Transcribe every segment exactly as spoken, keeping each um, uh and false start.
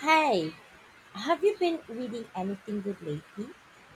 Hi, have you been reading anything good lately?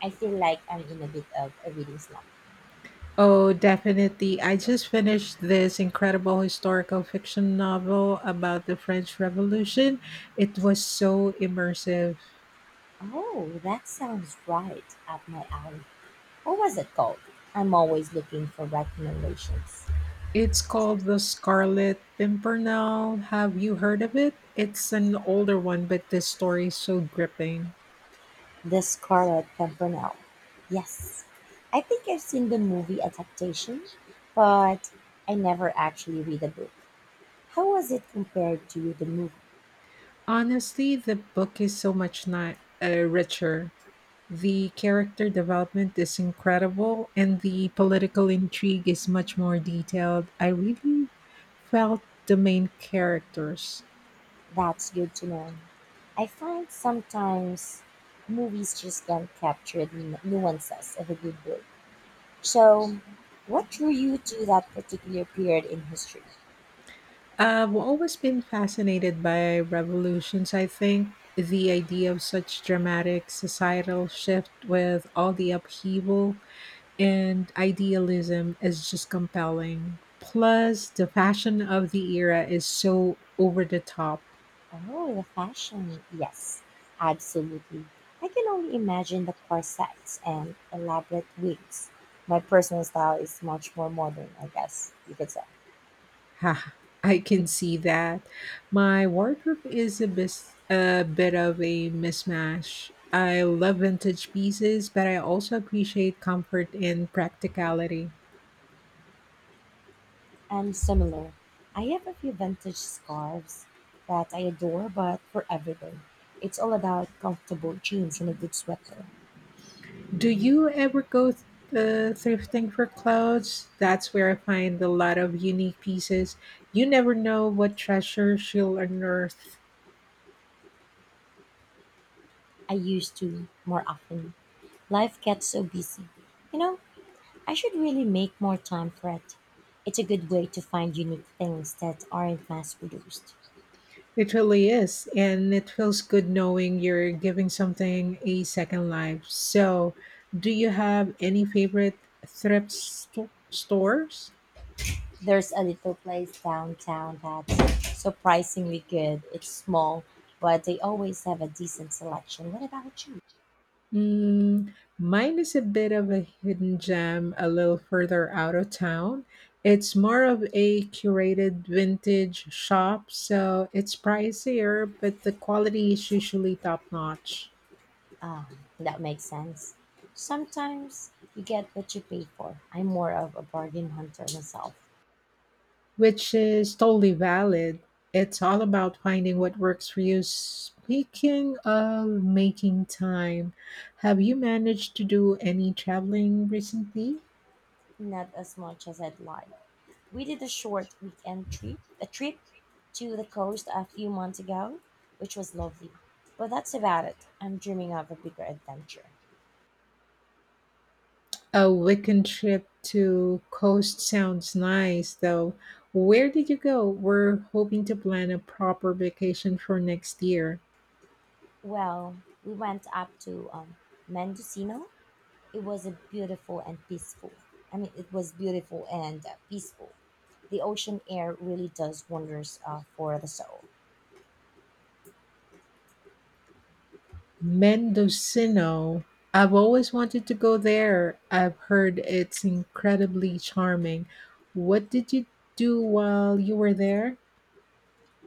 I feel like I'm in a bit of a reading slump. Oh, definitely. I just finished this incredible historical fiction novel about the French Revolution. It was so immersive. Oh, that sounds right up my alley. What was it called? I'm always looking for recommendations. It's called The Scarlet Pimpernel. Have you heard of it? It's an older one, but the story is so gripping. The Scarlet Pimpernel. Yes, I think I've seen the movie adaptation, but I never actually read the book. How was it compared to the movie? Honestly, the book is so much ni- uh, richer. The character development is incredible and the political intrigue is much more detailed. I really felt the main characters. That's good to know. I find sometimes movies just can't capture the nu- nuances of a good book. So, what drew you to that particular period in history? I've always been fascinated by revolutions, I think. The idea of such dramatic societal shift with all the upheaval and idealism is just compelling. Plus, the fashion of the era is so over the top. Oh, the fashion. Yes, absolutely. I can only imagine the corsets and elaborate wigs. My personal style is much more modern, I guess you could say. Ha, I can see that. My wardrobe is a, bis- a bit of a mismatch. I love vintage pieces, but I also appreciate comfort and practicality. And similar. I have a few vintage scarves that I adore, but for everything, it's all about comfortable jeans and a good sweater. Do you ever go th- uh, thrifting for clothes? That's where I find a lot of unique pieces. You never know what treasures you'll unearth. I used to more often. Life gets so busy. You know, I should really make more time for it. It's a good way to find unique things that aren't mass produced. It really is. And it feels good knowing you're giving something a second life. So, do you have any favorite thrift sto- stores? There's a little place downtown that's surprisingly good. It's small, but they always have a decent selection. What about you? Mm, mine is a bit of a hidden gem a little further out of town. It's more of a curated vintage shop, so it's pricier, but the quality is usually top notch. Ah, that makes sense. Sometimes you get what you pay for. I'm more of a bargain hunter myself, Which is totally valid. It's all about finding what works for you. Speaking of making time, have you managed to do any traveling recently? not as much as I'd like. We did a short weekend trip, a trip to the coast a few months ago, which was lovely. But that's about it. I'm dreaming of a bigger adventure. A weekend trip to Coast sounds nice, though. Where did you go? We're hoping to plan a proper vacation for next year. Well, we went up to um, Mendocino. It was a beautiful and peaceful. I mean, it was beautiful and uh, peaceful. The ocean air really does wonders, uh, for the soul. Mendocino. I've always wanted to go there. I've heard it's incredibly charming. What did you do while you were there?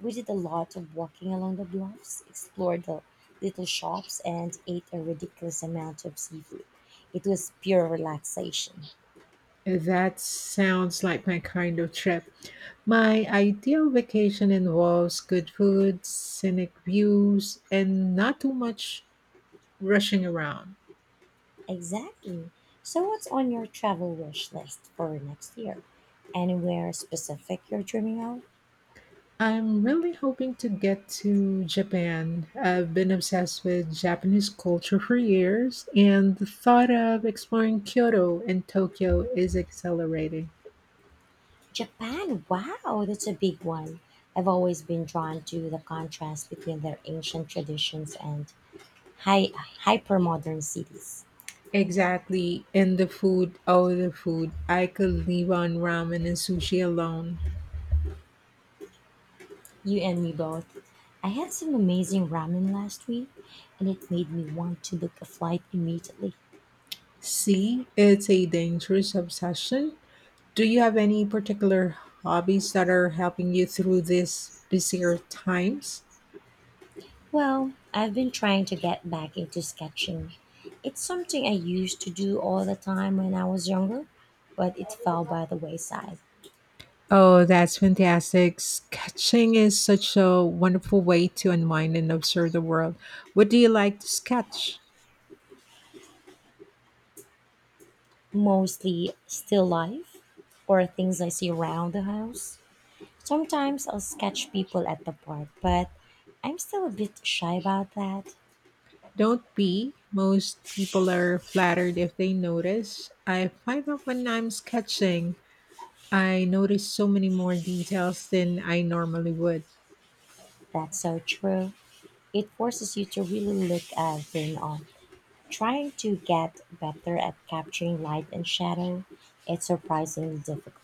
We did a lot of walking along the bluffs, explored the little shops, and ate a ridiculous amount of seafood. It was pure relaxation. That sounds like my kind of trip. My ideal vacation involves good food, scenic views, and not too much rushing around. Exactly. So, what's on your travel wish list for next year? Anywhere specific you're dreaming of? I'm really hoping to get to Japan. I've been obsessed with Japanese culture for years, and the thought of exploring Kyoto and Tokyo is exhilarating. Japan, wow, that's a big one. I've always been drawn to the contrast between their ancient traditions and high, hyper modern cities. Exactly. And the food, oh, the food. I could live on ramen and sushi alone. You and me both. I had some amazing ramen last week, and it made me want to book a flight immediately. See, it's a dangerous obsession. Do you have any particular hobbies that are helping you through these busier times? Well, I've been trying to get back into sketching. It's something I used to do all the time when I was younger, but it fell by the wayside. Oh, that's fantastic. Sketching is such a wonderful way to unwind and observe the world. What do you like to sketch? Mostly still life or things I see around the house. Sometimes I'll sketch people at the park, but I'm still a bit shy about that. Don't be. Most people are flattered if they notice. I find that when I'm sketching, I notice so many more details than I normally would. That's so true. It forces you to really look at them. On, trying to get better at capturing light and shadow, it's surprisingly difficult.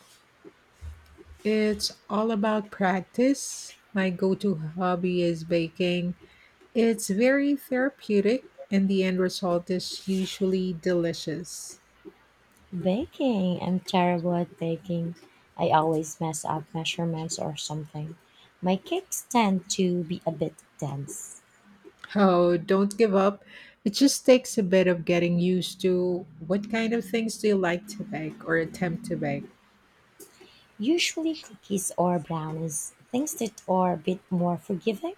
It's all about practice. My go to hobby is baking. It's very therapeutic, and the end result is usually delicious. Baking, I'm terrible at baking. I always mess up measurements or something. My cakes tend to be a bit dense. Oh, don't give up. It just takes a bit of getting used to what kind of things do you like to bake or attempt to bake. Usually cookies or brownies, things that are a bit more forgiving.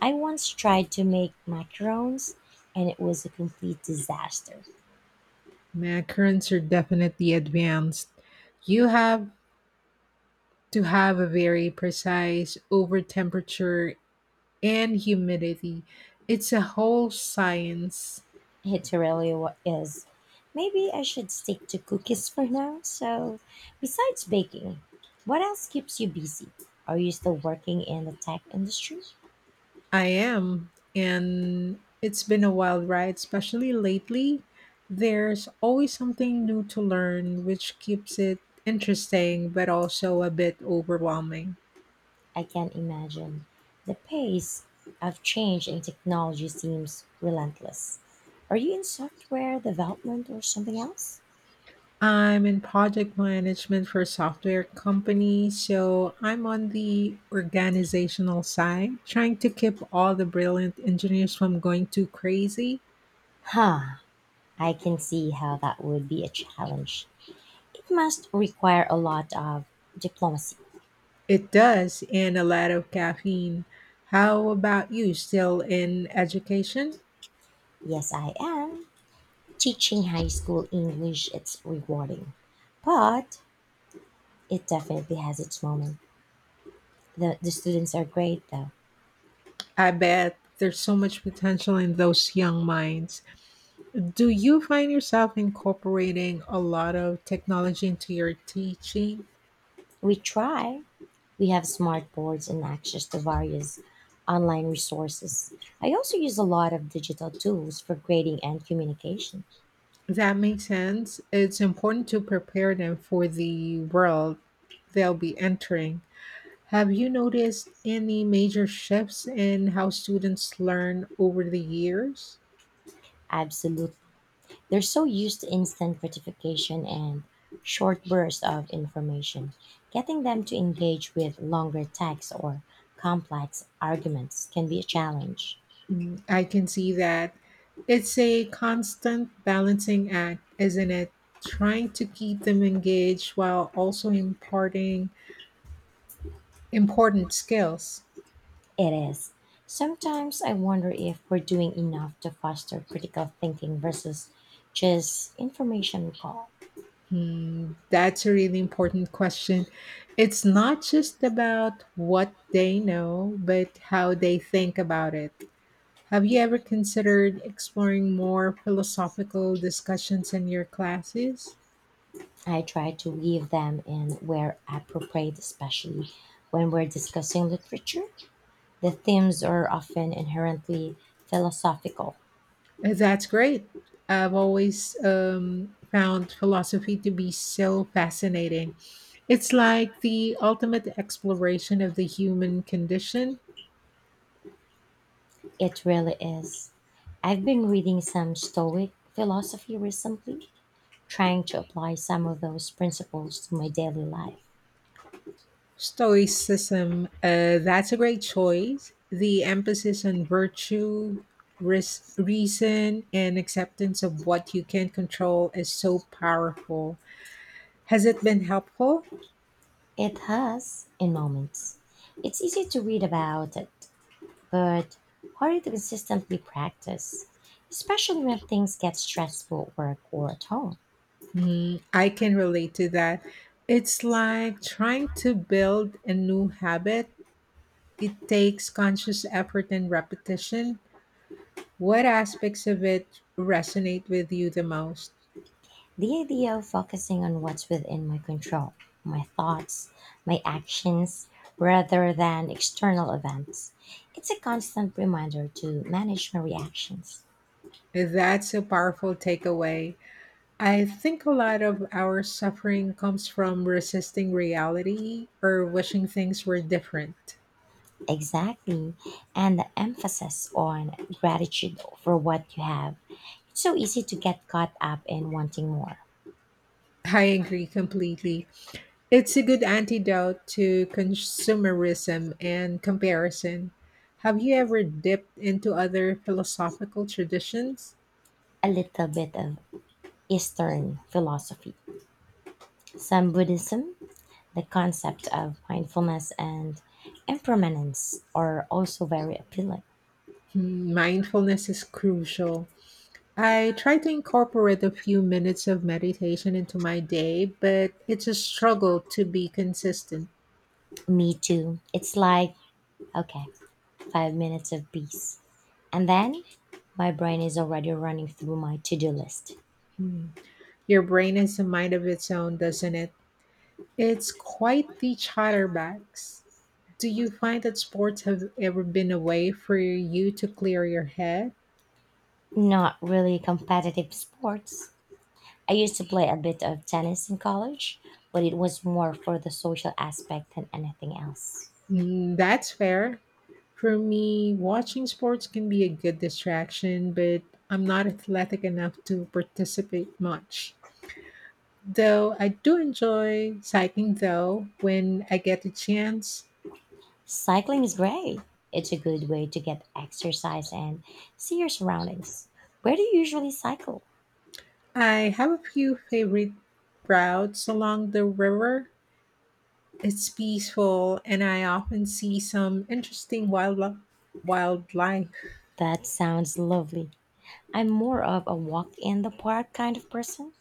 I once tried to make macarons and it was a complete disaster. My currents are definitely advanced. You have to have a very precise over temperature and humidity. It's a whole science. It really wa- is. Maybe I should stick to cookies for now. So, besides baking, what else keeps you busy? Are you still working in the tech industry? I am, and it's been a wild ride, especially lately. There's always something new to learn, which keeps it interesting but also a bit overwhelming. I can't imagine. The pace of change in technology seems relentless. Are you in software development or something else? I'm in project management for a software company, so I'm on the organizational side, trying to keep all the brilliant engineers from going too crazy. Huh, I can see how that would be a challenge. It must require a lot of diplomacy. It does, and a lot of caffeine. How about you? Still in education? Yes, I am. Teaching high school English, it's rewarding. But it definitely has its moment. The, the students are great, though. I bet there's so much potential in those young minds. Do you find yourself incorporating a lot of technology into your teaching? We try. We have smart boards and access to various online resources. I also use a lot of digital tools for grading and communication. That makes sense. It's important to prepare them for the world they'll be entering. Have you noticed any major shifts in how students learn over the years? Absolutely. They're so used to instant gratification and short bursts of information. Getting them to engage with longer texts or complex arguments can be a challenge. Mm, I can see that. It's a constant balancing act, isn't it? Trying to keep them engaged while also imparting important skills. It is. Sometimes I wonder if we're doing enough to foster critical thinking versus just information recall. Hmm, that's a really important question. It's not just about what they know, but how they think about it. Have you ever considered exploring more philosophical discussions in your classes? I try to weave them in where appropriate, especially when we're discussing literature. The themes are often inherently philosophical. Uh, That's great. I've always um, found philosophy to be so fascinating. It's like the ultimate exploration of the human condition. It really is. I've been reading some Stoic philosophy recently, trying to apply some of those principles to my daily life. Stoicism, uh, that's a great choice. The emphasis on virtue, ris- reason, and acceptance of what you can control is so powerful. Has it been helpful? It has, in moments. It's easy to read about it, but harder to consistently practice, especially when things get stressful at work or at home. Hmm, I can relate to that. It's like trying to build a new habit. It takes conscious effort and repetition. What aspects of it resonate with you the most? The idea of focusing on what's within my control, my thoughts, my actions, rather than external events, it's a constant reminder to manage my reactions. That's a powerful takeaway. I think a lot of our suffering comes from resisting reality or wishing things were different. Exactly. And the emphasis on gratitude for what you have. It's so easy to get caught up in wanting more. I agree completely. It's a good antidote to consumerism and comparison. Have you ever dipped into other philosophical traditions? A little bit of Eastern philosophy, some Buddhism, the concept of mindfulness and impermanence are also very appealing. Hmm, mindfulness is crucial. I try to incorporate a few minutes of meditation into my day, but it's a struggle to be consistent. Me too. It's like, okay, five minutes of peace. And then my brain is already running through my to do list. Hmm. Your brain has a mind of its own, doesn't it? It's quite the chatterbox. Do you find that sports have ever been a way for you to clear your head? Not really competitive sports. I used to play a bit of tennis in college, but it was more for the social aspect than anything else. Mm, that's fair. For me, watching sports can be a good distraction, but I'm not athletic enough to participate much. Though I do enjoy cycling though when I get the chance. Cycling is great. It's a good way to get exercise and see your surroundings. Where do you usually cycle? I have a few favorite routes along the river. It's peaceful and I often see some interesting wildlife wildlife That sounds lovely. I'm more of a walk in the park kind of person.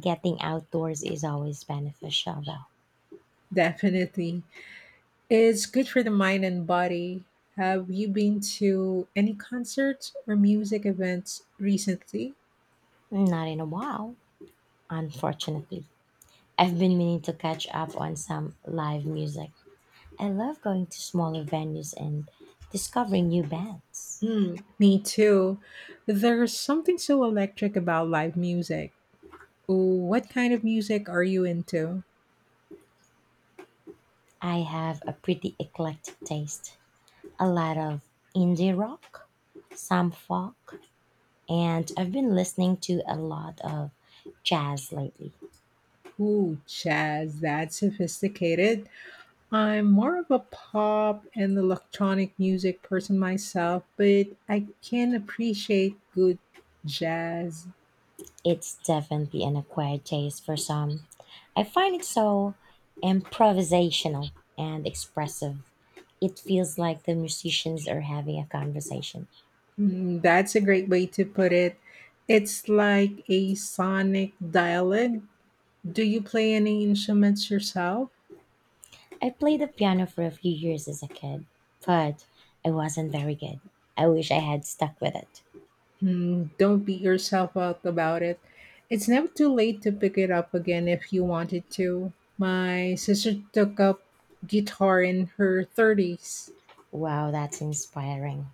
Getting outdoors is always beneficial, though. Definitely. It's good for the mind and body. Have you been to any concerts or music events recently? Not in a while, unfortunately. I've been meaning to catch up on some live music. I love going to smaller venues and discovering new bands. Hmm, me too. There's something so electric about live music. What kind of music are you into? I have a pretty eclectic taste. A lot of indie rock, some folk, and I've been listening to a lot of jazz lately. Ooh, jazz, that's sophisticated. I'm more of a pop and electronic music person myself, but I can appreciate good jazz. It's definitely an acquired taste for some. I find it so improvisational and expressive. It feels like the musicians are having a conversation. Mm, that's a great way to put it. It's like a sonic dialect. Do you play any instruments yourself? I played the piano for a few years as a kid, but I wasn't very good. I wish I had stuck with it. Hmm, don't beat yourself up about it. It's never too late to pick it up again if you wanted to. My sister took up guitar in her thirties. Wow, that's inspiring.